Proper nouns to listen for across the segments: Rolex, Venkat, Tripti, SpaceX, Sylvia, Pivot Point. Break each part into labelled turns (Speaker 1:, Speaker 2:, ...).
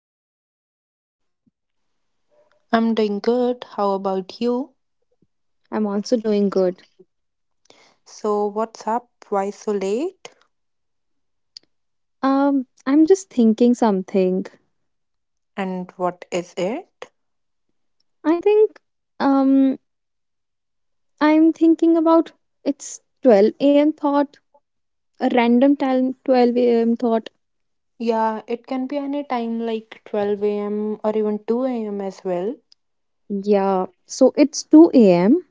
Speaker 1: How are you?
Speaker 2: I'm doing good. How about you?
Speaker 1: I'm also doing good.
Speaker 2: So, what's up? Why so late?
Speaker 1: I'm just thinking something.
Speaker 2: And what is it?
Speaker 1: I think, um, I'm thinking about it's 12 a.m. thought, a random time 12 a.m. thought.
Speaker 2: Yeah, it can be any time like 12 a.m. or even 2 a.m. as well.
Speaker 1: Yeah, so it's 2 a.m.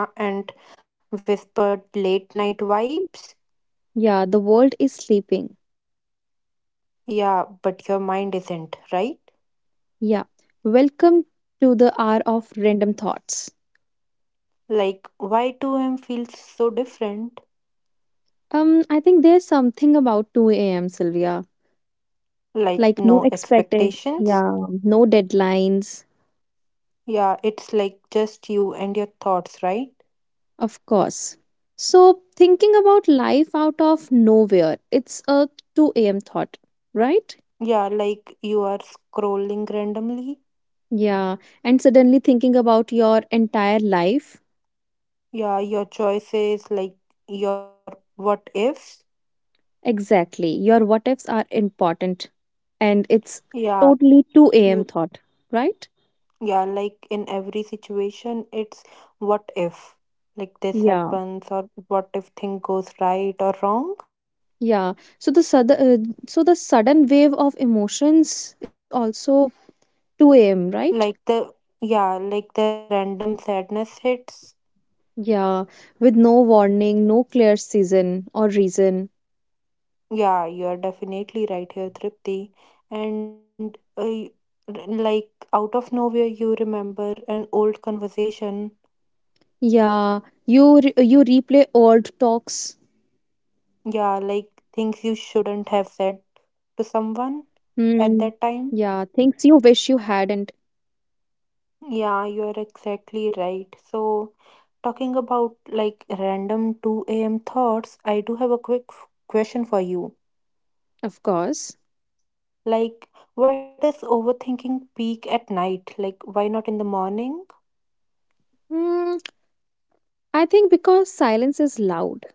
Speaker 2: Yeah, and whispered late night vibes.
Speaker 1: Yeah, the world is sleeping.
Speaker 2: Yeah, but your mind isn't, right?
Speaker 1: Yeah, welcome to the hour of random thoughts.
Speaker 2: Like, why 2 a.m. feels so different?
Speaker 1: I think there's something about 2 a.m., Sylvia.
Speaker 2: Like,
Speaker 1: Like, no
Speaker 2: no
Speaker 1: expecting.
Speaker 2: expectations?
Speaker 1: Yeah, no deadlines.
Speaker 2: Yeah, it's like just you and your thoughts, right?
Speaker 1: Of course. So, thinking about life out of nowhere, it's a 2 a.m. thought, right?
Speaker 2: Yeah, like you are scrolling randomly.
Speaker 1: Yeah. And suddenly thinking about your entire life.
Speaker 2: Yeah, your choices, like your what ifs.
Speaker 1: Exactly. Your what ifs are important. And it's
Speaker 2: Yeah,
Speaker 1: totally 2 a.m.
Speaker 2: you-
Speaker 1: thought, right?
Speaker 2: yeah, like in every situation, it's what if, like this
Speaker 1: Yeah.
Speaker 2: happens, or what if thing goes right or wrong.
Speaker 1: Yeah. So the sudden wave of emotions is also 2 a.m., right?
Speaker 2: Like the, yeah, like the random sadness hits.
Speaker 1: Yeah. With no warning, no clear season or reason.
Speaker 2: Yeah, you are definitely right here, Tripti. And like out of nowhere, you remember an old conversation.
Speaker 1: Yeah, you replay old talks.
Speaker 2: Yeah, like things you shouldn't have said to someone
Speaker 1: Hmm.
Speaker 2: at
Speaker 1: Yeah,
Speaker 2: that time.
Speaker 1: things you wish you hadn't,
Speaker 2: Yeah, you're exactly right. So, talking about like random 2 a.m. thoughts, I do have a quick question for you.
Speaker 1: of course.
Speaker 2: Like, why does overthinking peak at night? Like, why not in the morning?
Speaker 1: Hmm. I think because silence is loud.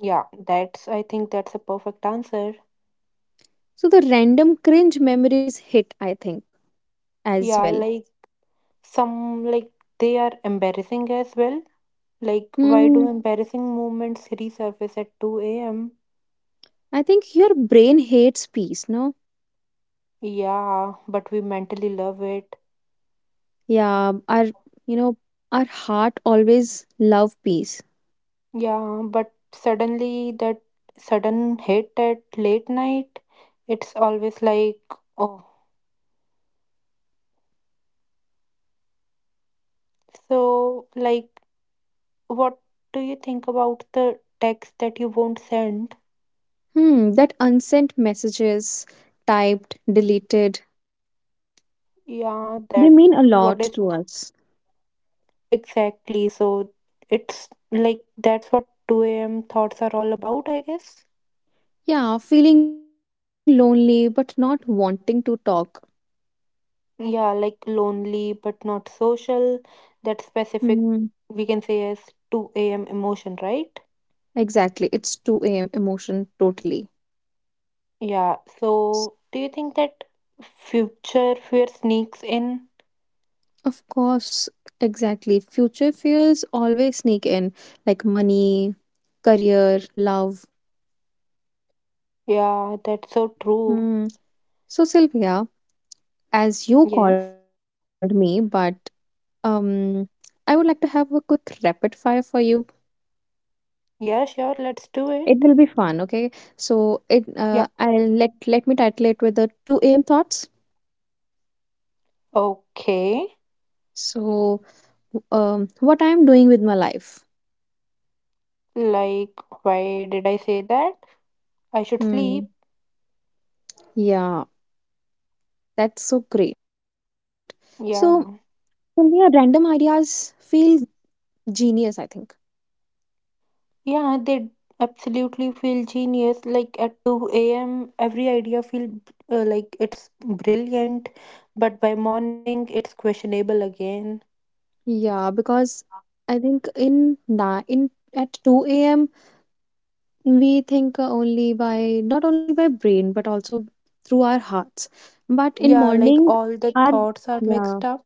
Speaker 2: I think that's a perfect answer.
Speaker 1: So the random cringe memories hit, I think, as
Speaker 2: Yeah,
Speaker 1: well.
Speaker 2: like some, they are embarrassing as well. Like, why
Speaker 1: Hmm.
Speaker 2: do embarrassing moments resurface at 2 a.m.?
Speaker 1: I think your brain hates peace, no?
Speaker 2: Yeah, but we mentally love it.
Speaker 1: Yeah, our, you know, our heart always love peace.
Speaker 2: Yeah, but suddenly that sudden hit at late night, it's always like, oh. So, like, what do you think about the text that you won't send?
Speaker 1: Hmm. That unsent messages, typed, deleted,
Speaker 2: Yeah, that
Speaker 1: they mean a
Speaker 2: what is
Speaker 1: lot to us.
Speaker 2: Exactly. So, it's like that's what 2 a.m. thoughts are all about, I guess.
Speaker 1: Yeah, feeling lonely but not wanting to talk.
Speaker 2: Yeah, like lonely but not social. That specific,
Speaker 1: Hmm,
Speaker 2: we can say as 2 a.m. emotion, right?
Speaker 1: exactly. It's 2 a.m. emotion totally.
Speaker 2: Yeah. So, do you think that future fear sneaks in?
Speaker 1: Of course, exactly. Future fears always sneak in, like money, career, love.
Speaker 2: Yeah, that's so true.
Speaker 1: Hmm. So, Sylvia, as you
Speaker 2: Yes.
Speaker 1: called me, but um, I would like to have a quick rapid fire for you.
Speaker 2: Yeah, sure. Let's do it.
Speaker 1: It will be fun, okay? So, it
Speaker 2: Yeah.
Speaker 1: I'll let me title it with the 2 a.m. thoughts.
Speaker 2: Okay.
Speaker 1: So, what I'm doing with my life.
Speaker 2: Like, why did I say that? I should sleep.
Speaker 1: Hmm. Yeah, that's so great. So,
Speaker 2: Yeah.
Speaker 1: yeah, random ideas feel genius, I think.
Speaker 2: Yeah, they absolutely feel genius. Like at 2 a.m., every idea feel like it's brilliant, but by morning it's questionable again.
Speaker 1: Yeah, because I think in at 2 a.m. we think only by not only by brain but also through our hearts. But in
Speaker 2: Yeah, like
Speaker 1: morning,
Speaker 2: all the
Speaker 1: our
Speaker 2: thoughts are mixed
Speaker 1: yeah
Speaker 2: up.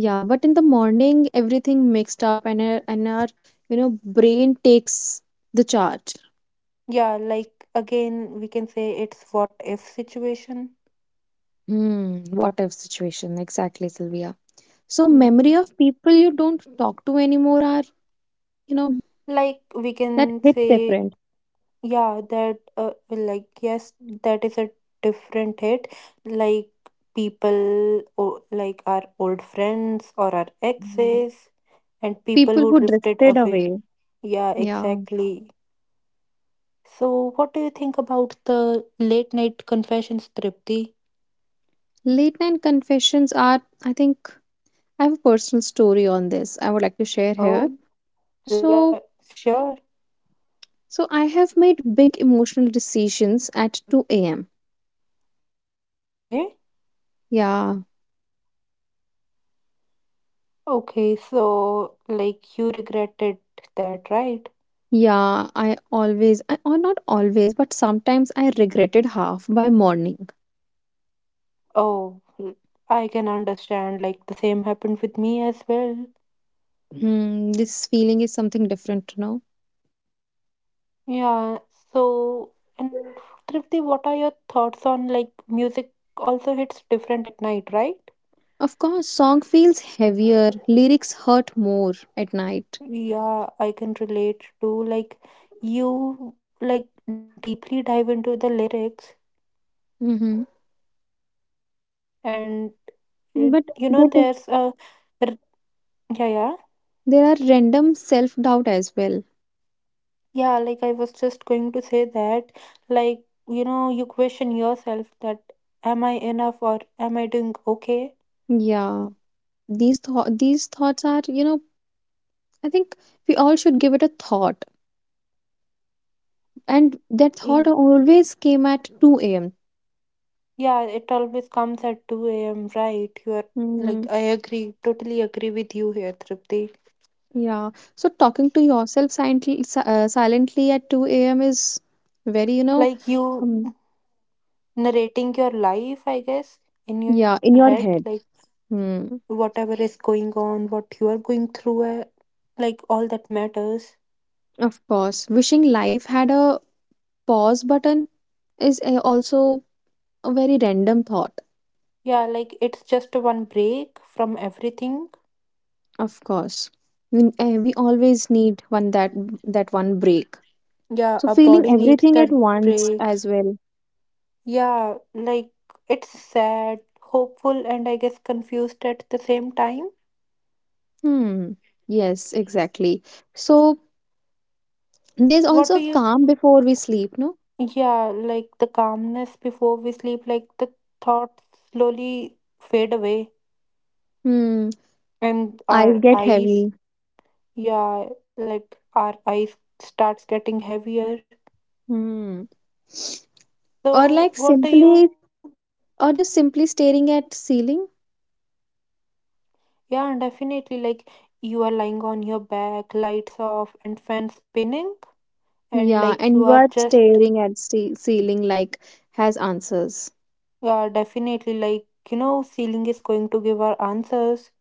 Speaker 1: yeah. But in the morning, everything mixed up and our, brain takes the charge.
Speaker 2: Yeah, like again, we can say it's what if situation.
Speaker 1: Hmm, what if situation? Exactly, Sylvia. So
Speaker 2: Hmm.
Speaker 1: memory of people you don't talk to anymore are, you know,
Speaker 2: Like we
Speaker 1: that
Speaker 2: can
Speaker 1: hit
Speaker 2: say
Speaker 1: different.
Speaker 2: Yeah, that like yes, that is a different hit. Like people o like our old friends or our
Speaker 1: Mm.
Speaker 2: exes and people
Speaker 1: People
Speaker 2: who
Speaker 1: who
Speaker 2: drifted
Speaker 1: drifted
Speaker 2: away.
Speaker 1: away.
Speaker 2: Yeah,
Speaker 1: Yeah.
Speaker 2: exactly. So what do you think about the late night confessions, Tripti?
Speaker 1: Late night confessions are, I think I have a personal story on this I would like to share here.
Speaker 2: Oh, la
Speaker 1: So
Speaker 2: Sure.
Speaker 1: so I have made big emotional decisions at 2 a.m.
Speaker 2: Okay.
Speaker 1: Yeah.
Speaker 2: Okay, so like you regretted that, right?
Speaker 1: Yeah, I or not always, but sometimes I regretted half by morning.
Speaker 2: Oh, l- I can understand. Like the same happened with me as well.
Speaker 1: Hmm, this feeling is something different, no?
Speaker 2: Yeah, so and Tripti, what are your thoughts on like music also hits different at night, right?
Speaker 1: Of course, song feels heavier, lyrics hurt more at night.
Speaker 2: Yeah, I can relate to like you like deeply dive into the lyrics
Speaker 1: Mm-hmm.
Speaker 2: and it, you
Speaker 1: But
Speaker 2: know
Speaker 1: but
Speaker 2: there's a r- yeah yeah
Speaker 1: There are random self doubt as well.
Speaker 2: yeah, like I was just going to say that, like you know you question yourself that am I enough or am I doing okay?
Speaker 1: Yeah, these thoughts are I think we all should give it a thought, and that thought always came at 2 a.m.
Speaker 2: Yeah, it always comes at 2 a.m., right? You're
Speaker 1: Hmm.
Speaker 2: like, I agree, totally agree with you here, Tripti.
Speaker 1: Yeah, so talking to yourself silently at 2 a.m. is very,
Speaker 2: Like, you
Speaker 1: um
Speaker 2: narrating your life, I guess, in your
Speaker 1: yeah, in
Speaker 2: head,
Speaker 1: your
Speaker 2: like,
Speaker 1: head. Hmm.
Speaker 2: whatever is going on, what you are going through, like, all that matters.
Speaker 1: Of course, wishing life had a pause button is also a very random thought.
Speaker 2: Yeah, like, it's just a one break from everything.
Speaker 1: Of course, we always need one, that one break.
Speaker 2: Yeah,
Speaker 1: So
Speaker 2: our
Speaker 1: feeling
Speaker 2: body needs
Speaker 1: everything at
Speaker 2: that
Speaker 1: once
Speaker 2: break.
Speaker 1: as well.
Speaker 2: Yeah, like, it's sad, hopeful, and I guess confused at the same time.
Speaker 1: Hmm. Yes, exactly. So there's
Speaker 2: What do
Speaker 1: also
Speaker 2: you
Speaker 1: calm before we sleep, no?
Speaker 2: Yeah, like the calmness before we sleep, like the thoughts slowly fade away
Speaker 1: Hmm.
Speaker 2: and
Speaker 1: Eyes
Speaker 2: our
Speaker 1: get
Speaker 2: eyes,
Speaker 1: heavy.
Speaker 2: yeah, like our eyes starts getting heavier.
Speaker 1: Hmm. Or like
Speaker 2: So what do
Speaker 1: simply,
Speaker 2: you,
Speaker 1: or just simply staring at ceiling.
Speaker 2: yeah, definitely like you are lying on your back, lights off and fan spinning and
Speaker 1: Yeah,
Speaker 2: like
Speaker 1: and
Speaker 2: you
Speaker 1: you
Speaker 2: are
Speaker 1: are
Speaker 2: just,
Speaker 1: staring at ceiling like has answers.
Speaker 2: yeah, definitely like, you know, ceiling is going to give our answers.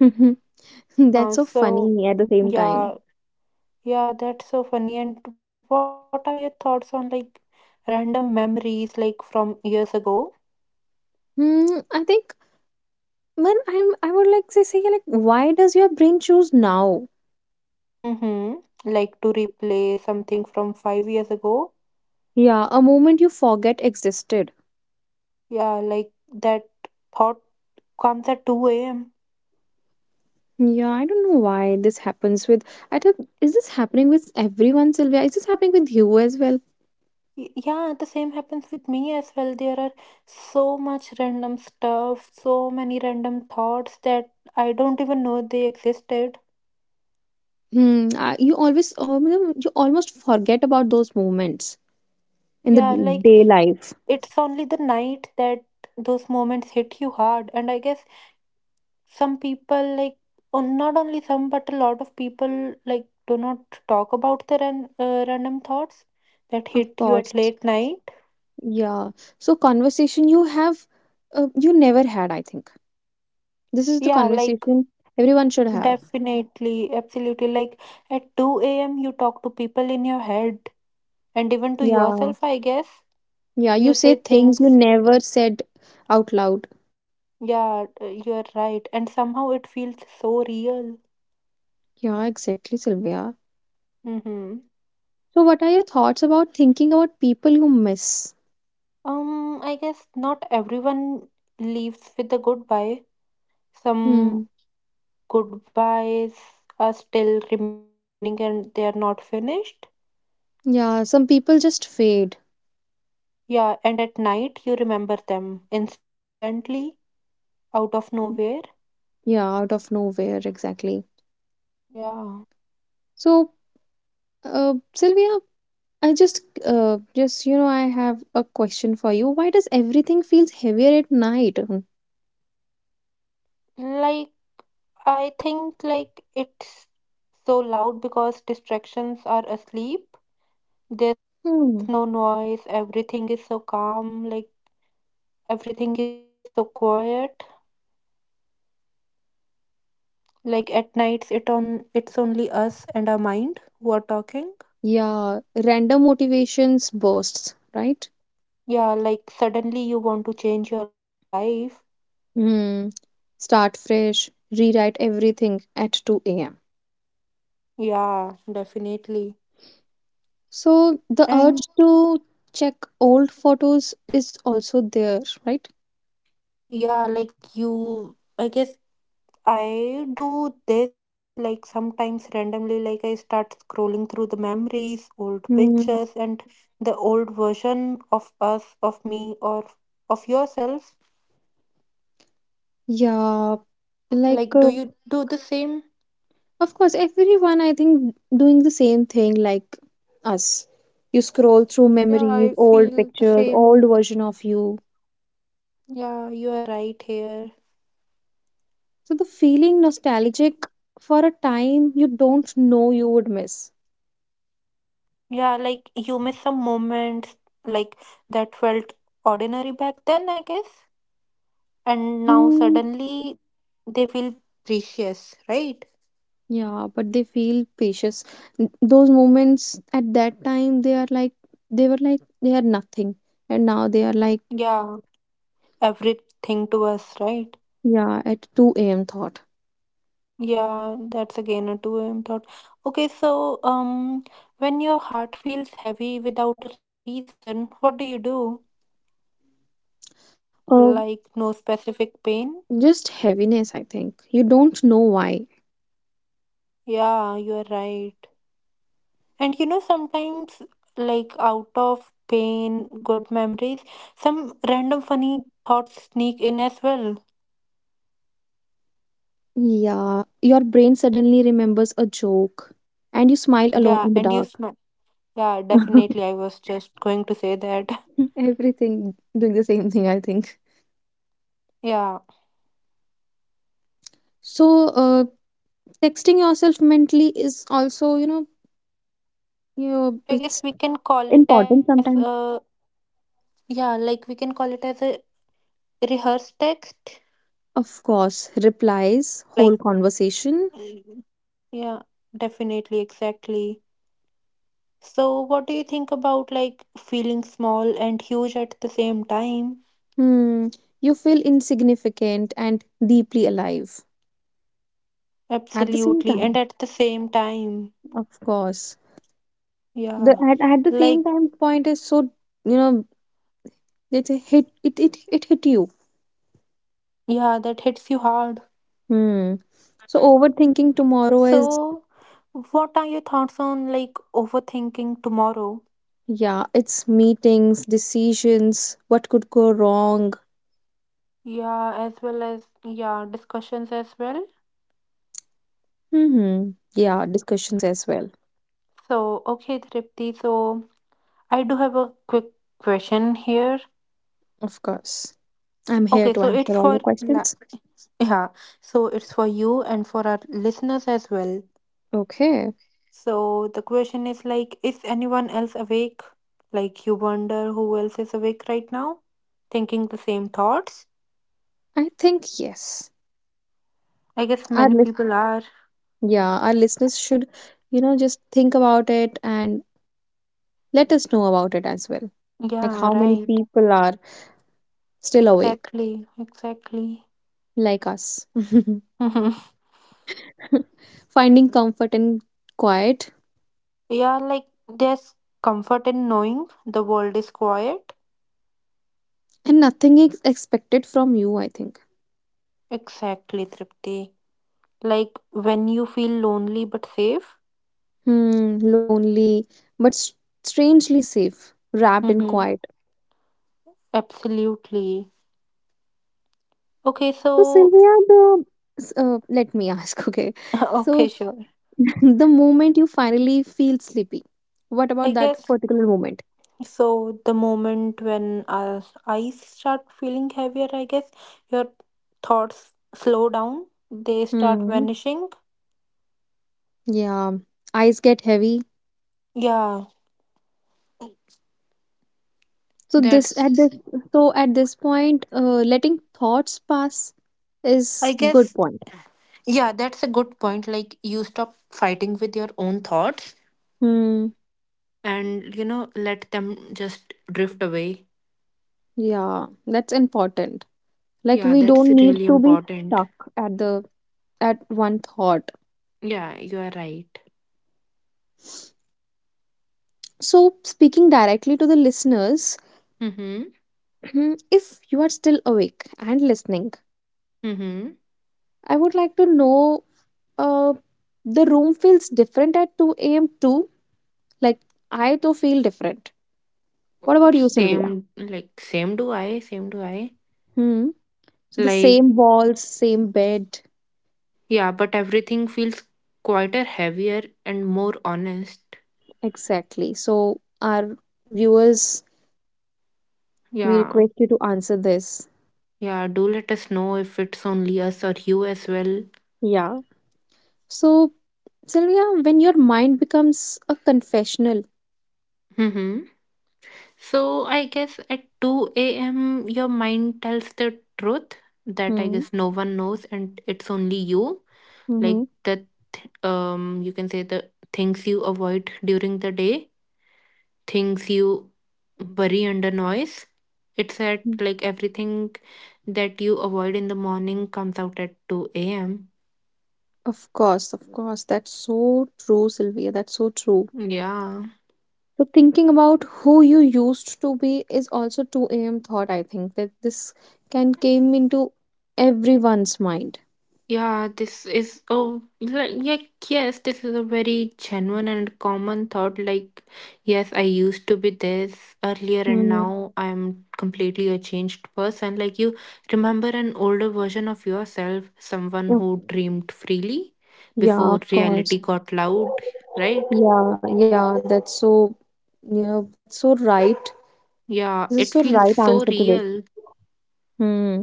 Speaker 1: That's
Speaker 2: Uh,
Speaker 1: so
Speaker 2: so
Speaker 1: funny at the same time.
Speaker 2: yeah, Yeah, that's so funny. And what are your thoughts on like random memories like from years ago?
Speaker 1: Hmm, I think when I'm I would like to say like why does your brain choose now?
Speaker 2: Mm-hmm. Like to replay something from 5 years ago?
Speaker 1: Yeah, a moment you forget existed.
Speaker 2: Yeah, like that thought comes at 2 a.m.
Speaker 1: Yeah, I don't know why this happens with I don't Is this happening with everyone, Sylvia? Is this happening with you as well?
Speaker 2: Yeah, the same happens with me as well. There are so much random stuff, so many random thoughts that I don't even know they existed.
Speaker 1: Hmm, you almost forget about those moments
Speaker 2: Yeah,
Speaker 1: in the
Speaker 2: like
Speaker 1: day life.
Speaker 2: it's only the night that those moments hit you hard. And I guess some people like or not only some but a lot of people like do not talk about their random thoughts that
Speaker 1: Of
Speaker 2: hit you
Speaker 1: course.
Speaker 2: at late night.
Speaker 1: Yeah. So conversation you have, you never had, I think. This is the
Speaker 2: Yeah, like
Speaker 1: conversation everyone should have.
Speaker 2: definitely absolutely, like at 2 a.m. you talk to people in your head and even to
Speaker 1: Yeah.
Speaker 2: yourself I guess.
Speaker 1: Yeah.
Speaker 2: You
Speaker 1: You say
Speaker 2: say
Speaker 1: things you
Speaker 2: things
Speaker 1: never said out loud.
Speaker 2: Yeah, you are right and somehow it feels so real.
Speaker 1: Yeah, exactly, Sylvia.
Speaker 2: Mm-hmm.
Speaker 1: So what are your thoughts about thinking about people you miss?
Speaker 2: Um, I guess not everyone leaves with a goodbye. Some
Speaker 1: Hmm.
Speaker 2: goodbyes are still remaining and they are not finished.
Speaker 1: Yeah, some people just fade.
Speaker 2: Yeah, and at night you remember them instantly out of nowhere.
Speaker 1: Yeah, out of nowhere, exactly.
Speaker 2: Yeah.
Speaker 1: So, Sylvia, I just, you know, I have a question for you. Why does everything feels heavier at night?
Speaker 2: Like I think like it's so loud because distractions are asleep. There's no
Speaker 1: Hmm.
Speaker 2: noise, everything is so calm, like everything is so quiet. Like at nights it's only us and our mind who are talking.
Speaker 1: Yeah, random motivations bursts, right?
Speaker 2: Yeah, like suddenly you want to change your life.
Speaker 1: Hmm. Start fresh, rewrite everything at 2 a.m.
Speaker 2: Yeah, definitely.
Speaker 1: So the urge
Speaker 2: And
Speaker 1: to check old photos is also there, right?
Speaker 2: yeah, like you, I guess I do this like sometimes randomly, like I start scrolling through the memories, old
Speaker 1: Hmm.
Speaker 2: pictures, and the old version of us, of me, or of yourself.
Speaker 1: Yeah, like uh,
Speaker 2: Like, do you do the same?
Speaker 1: of course everyone I think doing the same thing like us. You scroll through
Speaker 2: Yeah,
Speaker 1: memories,
Speaker 2: I
Speaker 1: old
Speaker 2: feel the
Speaker 1: pictures, old
Speaker 2: same.
Speaker 1: version of you.
Speaker 2: Yeah, you are right here.
Speaker 1: So the feeling nostalgic for a time you don't know you would miss.
Speaker 2: Yeah, like you miss some moments like that felt ordinary back then, I guess. And now
Speaker 1: Mm,
Speaker 2: suddenly they feel precious, right?
Speaker 1: yeah, but they feel precious. Those moments at that time, they are like, they were like, they are nothing. And now they are like,
Speaker 2: Yeah, everything to us, right?
Speaker 1: yeah, at 2 a.m. thought.
Speaker 2: Yeah, that's again a 2 a.m. thought. Okay, so when your heart feels heavy without a reason, what do you do?
Speaker 1: Uh,
Speaker 2: Like no specific pain?
Speaker 1: just heaviness, I think. You don't know why.
Speaker 2: Yeah, you are right. And you know sometimes like out of pain, good memories, some random funny thoughts sneak in as well.
Speaker 1: Yeah, your brain suddenly remembers a joke and you smile alone in
Speaker 2: Yeah,
Speaker 1: the
Speaker 2: and you
Speaker 1: dark.
Speaker 2: Yeah, definitely. I was just going to say that.
Speaker 1: Everything doing the same thing, I think.
Speaker 2: Yeah,
Speaker 1: So, texting yourself mentally is also,
Speaker 2: I
Speaker 1: it's
Speaker 2: guess we can call it
Speaker 1: important
Speaker 2: as
Speaker 1: sometimes.
Speaker 2: yeah, like we can call it as a rehearsed text.
Speaker 1: Of course, replies, whole
Speaker 2: Like
Speaker 1: conversation.
Speaker 2: mm, yeah, definitely, exactly. So what do you think about like feeling small and huge at the same time?
Speaker 1: Hmm, you feel insignificant and deeply alive at the same
Speaker 2: Absolutely. And
Speaker 1: time.
Speaker 2: at the same time,
Speaker 1: Of course, the
Speaker 2: yeah.
Speaker 1: at the
Speaker 2: Like
Speaker 1: same time point is so, you know it hit. It hit you.
Speaker 2: yeah, that hits you hard.
Speaker 1: Hmm. So overthinking tomorrow is,
Speaker 2: So what are your thoughts on like overthinking tomorrow?
Speaker 1: yeah, it's meetings, decisions, what could go wrong.
Speaker 2: Yeah, as well as yeah, discussions as well.
Speaker 1: Hmm. Yeah, discussions as well.
Speaker 2: So, okay, Tripti. So, I do have a quick question here.
Speaker 1: Of course, I'm here
Speaker 2: Okay,
Speaker 1: to
Speaker 2: so it's
Speaker 1: answer all
Speaker 2: for
Speaker 1: your questions.
Speaker 2: yeah, so it's for you and for our listeners as well.
Speaker 1: Okay,
Speaker 2: So, the question is like, is anyone else awake? Like, you wonder who else is awake right now, thinking the same thoughts?
Speaker 1: I think yes.
Speaker 2: I guess
Speaker 1: Our
Speaker 2: many
Speaker 1: lis-
Speaker 2: people are.
Speaker 1: yeah, our listeners should, just think about it and let us know about it as well. Like
Speaker 2: Yeah,
Speaker 1: how many
Speaker 2: right.
Speaker 1: people are still awake,
Speaker 2: Exactly, exactly.
Speaker 1: like us, finding comfort in quiet,
Speaker 2: Yeah, like there's comfort in knowing the world is quiet.
Speaker 1: and nothing is expected from you. I think.
Speaker 2: Exactly, Tripti. Like when you feel lonely but safe.
Speaker 1: Hmm, lonely, but strangely safe, wrapped in
Speaker 2: Mm-hmm.
Speaker 1: quiet.
Speaker 2: Absolutely. Okay,
Speaker 1: So
Speaker 2: so,
Speaker 1: Sylvia, let me ask. Okay,
Speaker 2: okay,
Speaker 1: so
Speaker 2: sure.
Speaker 1: the moment you finally feel sleepy, what
Speaker 2: I
Speaker 1: about that
Speaker 2: guess
Speaker 1: particular moment?
Speaker 2: so. The moment when our eyes start feeling heavier, I guess your thoughts slow down, they start
Speaker 1: Hmm.
Speaker 2: vanishing.
Speaker 1: Yeah, eyes get heavy.
Speaker 2: Yeah,
Speaker 1: So this at
Speaker 2: that's,
Speaker 1: this so at this point, letting thoughts pass is
Speaker 2: I
Speaker 1: good
Speaker 2: guess,
Speaker 1: point.
Speaker 2: yeah, that's a good point. Like you stop fighting with your own thoughts
Speaker 1: Hmm.
Speaker 2: and you know let them just drift away.
Speaker 1: Yeah, that's important. Like
Speaker 2: Yeah,
Speaker 1: we
Speaker 2: that's
Speaker 1: don't need
Speaker 2: really
Speaker 1: to be
Speaker 2: important.
Speaker 1: stuck at the at one thought.
Speaker 2: Yeah, you are right.
Speaker 1: So speaking directly to the listeners,
Speaker 2: Mm-hmm.
Speaker 1: hmm, if you are still awake and listening,
Speaker 2: Mm-hmm.
Speaker 1: I would like to know, uh, the room feels different at 2 a.m. too. Like I though feel different. What about you,
Speaker 2: same
Speaker 1: Sylvia?
Speaker 2: like same do I Same do I.
Speaker 1: Hmm. So the
Speaker 2: Like
Speaker 1: same walls, same bed.
Speaker 2: yeah, but everything feels quieter, heavier and more honest.
Speaker 1: Exactly. So our viewers, we
Speaker 2: Yeah,
Speaker 1: request you to answer this.
Speaker 2: yeah, do let us know if it's only us or you as well.
Speaker 1: Yeah. So Sylvia, when your mind becomes a confessional,
Speaker 2: Mm-hmm. So I guess at 2 a.m. your mind tells the truth that I
Speaker 1: hmm,
Speaker 2: guess no one knows and it's only you.
Speaker 1: mm-hmm.
Speaker 2: Like the you can say the things you avoid during the day, things you bury under noise. It's at like Everything that you avoid in the morning comes out at 2 a.m.
Speaker 1: Of course, of course. That's so true, Sylvia. That's so true.
Speaker 2: Yeah.
Speaker 1: So thinking about who you used to be is also 2 a.m. thought, I think, that this can came into everyone's mind.
Speaker 2: Yeah, this is yes, this is a very genuine and common thought. Like, yes, I used to be this earlier, and
Speaker 1: Hmm.
Speaker 2: now I'm completely a changed person. Like you remember an older version of yourself, someone
Speaker 1: Oh,
Speaker 2: who dreamed freely
Speaker 1: yeah,
Speaker 2: before
Speaker 1: of course.
Speaker 2: reality got loud, right?
Speaker 1: Yeah, yeah, that's so, that's so right.
Speaker 2: Yeah,
Speaker 1: This is
Speaker 2: it
Speaker 1: so
Speaker 2: feels
Speaker 1: right
Speaker 2: so
Speaker 1: answer to this.
Speaker 2: real.
Speaker 1: Hmm.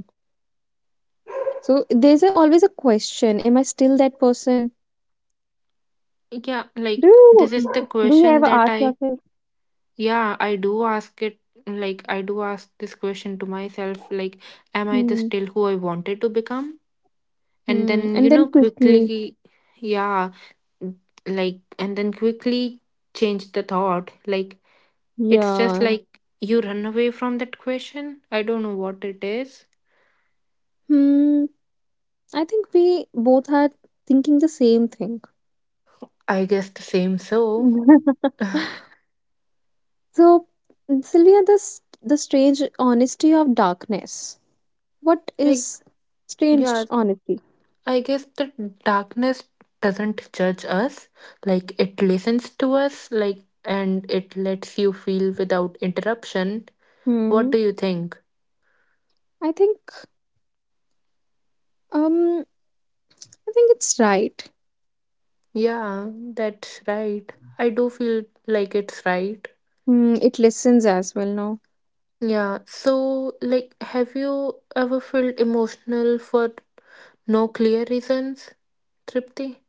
Speaker 1: So there's a, always a question, am I still that person?
Speaker 2: Yeah, like
Speaker 1: Do you
Speaker 2: this is the
Speaker 1: do you
Speaker 2: question
Speaker 1: ever
Speaker 2: that
Speaker 1: ask
Speaker 2: I
Speaker 1: yourself?
Speaker 2: Yeah, I do ask it, like I do ask this question to myself like am I the
Speaker 1: Hmm.
Speaker 2: still who I wanted to become? And
Speaker 1: Hmm.
Speaker 2: then you
Speaker 1: And then
Speaker 2: know
Speaker 1: quickly.
Speaker 2: quickly Yeah, like and then quickly change the thought. Like it's just
Speaker 1: Yeah.
Speaker 2: like you run away from that question. I don't know what it is.
Speaker 1: Hmm. I think we both are thinking the same thing.
Speaker 2: I guess the same so.
Speaker 1: So, Sylvia, the strange honesty of darkness. What
Speaker 2: Like
Speaker 1: is
Speaker 2: yeah,
Speaker 1: strange honesty?
Speaker 2: I guess the darkness doesn't judge us, like it listens to us, like and it lets you feel without interruption. What
Speaker 1: Hmm.
Speaker 2: do you think?
Speaker 1: I think. Um. I think it's right.
Speaker 2: Yeah, that's right. I do feel like it's right.
Speaker 1: Mm, it listens as well now.
Speaker 2: Yeah, so like have you ever felt emotional for no clear reasons, Tripti?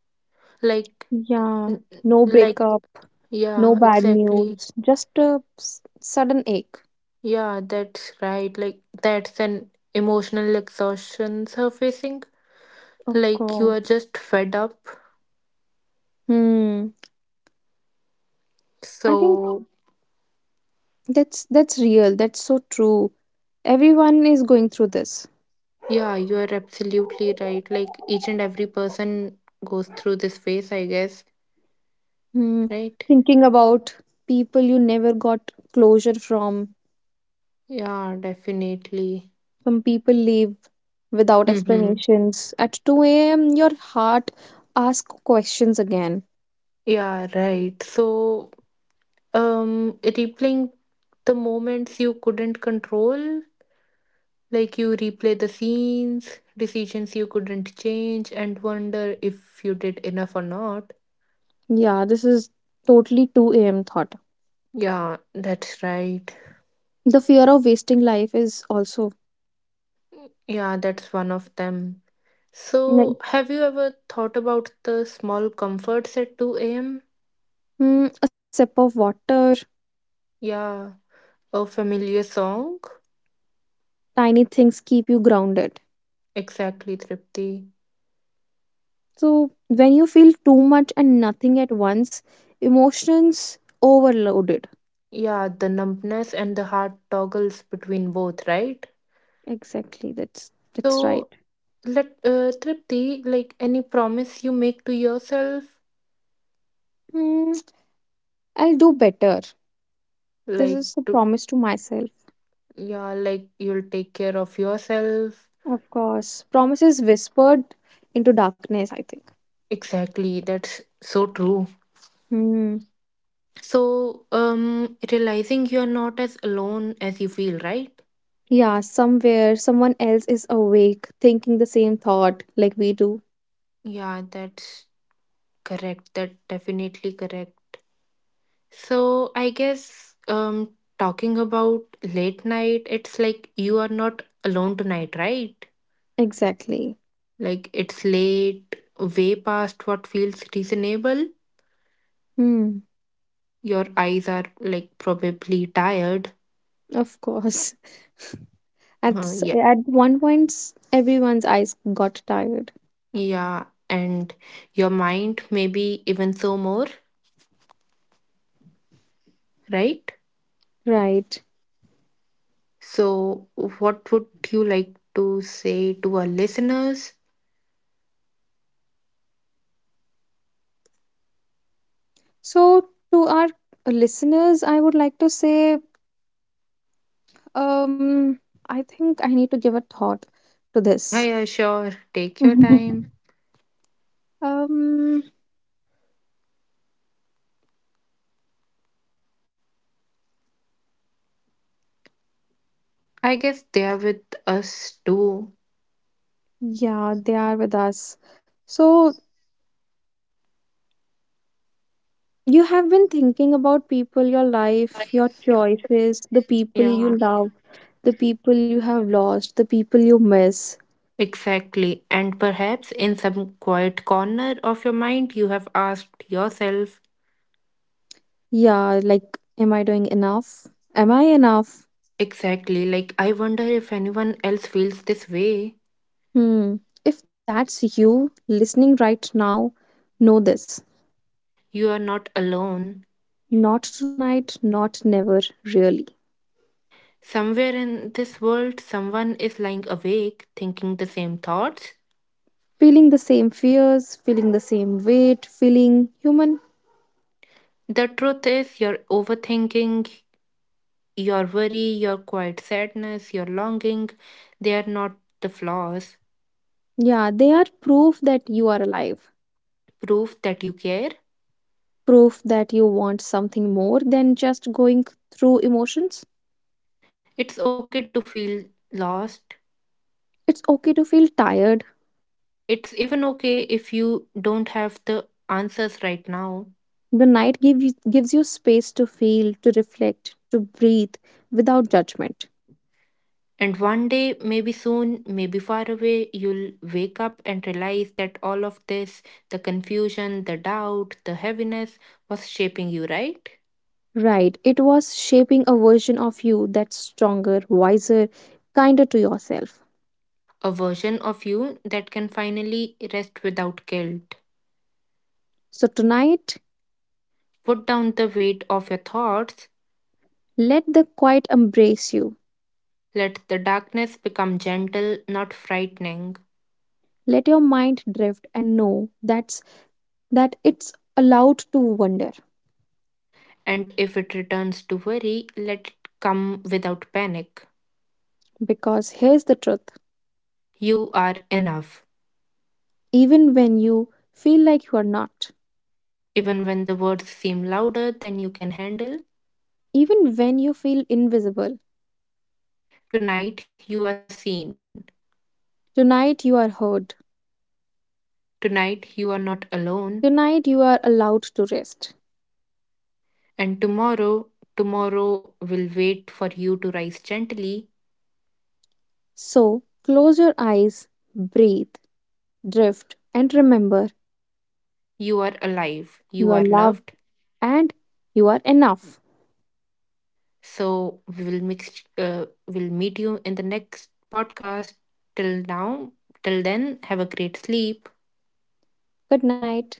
Speaker 2: Like
Speaker 1: Yeah, no
Speaker 2: like
Speaker 1: breakup, no
Speaker 2: yeah,
Speaker 1: bad
Speaker 2: exactly.
Speaker 1: news, just a sudden ache.
Speaker 2: Yeah, that's right. Like that's an emotional exhaustion surfacing,
Speaker 1: Of
Speaker 2: like you
Speaker 1: course.
Speaker 2: are just fed up.
Speaker 1: Hmm. I think
Speaker 2: So
Speaker 1: that's real. That's so true. Everyone is going through this.
Speaker 2: yeah, you are absolutely right, like each and every person goes through this phase I guess,
Speaker 1: Hmm.
Speaker 2: right.
Speaker 1: Thinking about people you never got closure from.
Speaker 2: Yeah, definitely.
Speaker 1: Some people leave without
Speaker 2: Mm-hmm.
Speaker 1: explanations. At 2 a.m., your heart asks questions again.
Speaker 2: Yeah, right. So replaying the moments you couldn't control, like you replay the scenes, decisions you couldn't change and wonder if you did enough or not.
Speaker 1: Yeah, this is totally 2 a.m. thought.
Speaker 2: Yeah, that's right.
Speaker 1: The fear of wasting life is also
Speaker 2: Yeah, that's one of them.
Speaker 1: like,
Speaker 2: So, have you ever thought about the small comforts at 2 a.m.?
Speaker 1: hmm, a sip of water,
Speaker 2: Yeah, a familiar song.
Speaker 1: tiny things keep you grounded.
Speaker 2: Exactly, Tripti.
Speaker 1: So, when you feel too much and nothing at once, emotions overloaded.
Speaker 2: Yeah, the numbness and the heart toggles between both, right?
Speaker 1: Exactly, that's
Speaker 2: So,
Speaker 1: right.
Speaker 2: let Tripti, like any promise you make to yourself,
Speaker 1: Hmm, I'll do better. This
Speaker 2: like
Speaker 1: is a
Speaker 2: to
Speaker 1: promise to myself.
Speaker 2: yeah, like you'll take care of yourself.
Speaker 1: Of course. Promises whispered into darkness, I think.
Speaker 2: Exactly, that's so true.
Speaker 1: Hmm.
Speaker 2: So, realizing you're not as alone as you feel, right?
Speaker 1: Yeah, somewhere someone else is awake, thinking the same thought like we do.
Speaker 2: Yeah, that's Correct. That definitely correct. So I guess talking about late night, it's like you are not alone tonight, right?
Speaker 1: Exactly.
Speaker 2: Like it's late, way past what feels reasonable.
Speaker 1: Hmm.
Speaker 2: Your eyes are like probably tired.
Speaker 1: Of course. At
Speaker 2: Uh, yeah.
Speaker 1: at one point, everyone's eyes got tired.
Speaker 2: Yeah. And your mind maybe even so more, right?
Speaker 1: Right.
Speaker 2: So what would you like to say to our listeners?
Speaker 1: So to our listeners, I would like to say, um, I think I need to give a thought to
Speaker 2: Yeah,
Speaker 1: this.
Speaker 2: yeah, sure. Take your time.
Speaker 1: Um,
Speaker 2: I guess they are with us too.
Speaker 1: yeah, they are with us. So you have been thinking about people, your life, your choices, the people you
Speaker 2: Yeah,
Speaker 1: love, the people you have lost, the people you miss.
Speaker 2: exactly. And perhaps in some quiet corner of your mind, you have asked yourself,
Speaker 1: Yeah, like, am I doing enough? Am I enough?
Speaker 2: exactly, like, I wonder if anyone else feels this way.
Speaker 1: Hmm. If that's you listening right now, know this.
Speaker 2: You are not alone.
Speaker 1: Not tonight, not never, really.
Speaker 2: Somewhere in this world, someone is lying awake, thinking the same thoughts.
Speaker 1: Feeling the same fears, feeling the same weight, feeling human.
Speaker 2: The truth is, your overthinking, your worry, your quiet sadness, your longing, they are not the flaws.
Speaker 1: Yeah, they are proof that you are alive.
Speaker 2: Proof that you care.
Speaker 1: Proof that you want something more than just going through emotions.
Speaker 2: It's okay to feel lost.
Speaker 1: It's okay to feel tired.
Speaker 2: It's even okay if you don't have the answers right now.
Speaker 1: The night gives you space to feel, to reflect, to breathe without judgment.
Speaker 2: And one day, maybe soon, maybe far away, you'll wake up and realize that all of this, the confusion, the doubt, the heaviness, was shaping you, right?
Speaker 1: Right, it was shaping a version of you that's stronger, wiser, kinder to yourself.
Speaker 2: A version of you that can finally rest without guilt.
Speaker 1: So tonight,
Speaker 2: Put down the weight of your thoughts.
Speaker 1: let the quiet embrace you.
Speaker 2: Let the darkness become gentle, not frightening.
Speaker 1: Let your mind drift and know that it's allowed to wander.
Speaker 2: And if it returns to worry, let it come without panic.
Speaker 1: Because here's the truth.
Speaker 2: You are enough.
Speaker 1: Even when you feel like you are not.
Speaker 2: Even when the words seem louder than you can handle,
Speaker 1: Even when you feel invisible,
Speaker 2: tonight you are seen.
Speaker 1: tonight you are heard.
Speaker 2: Tonight you are not alone.
Speaker 1: Tonight you are allowed to rest.
Speaker 2: And tomorrow, tomorrow will wait for you to rise gently.
Speaker 1: So close your eyes, breathe, drift, and remember
Speaker 2: You are alive. You
Speaker 1: you are
Speaker 2: are loved.
Speaker 1: loved and you are enough.
Speaker 2: So we will mix. We'll meet you in the next podcast. Till now, Till then, have a great sleep.
Speaker 1: Good night.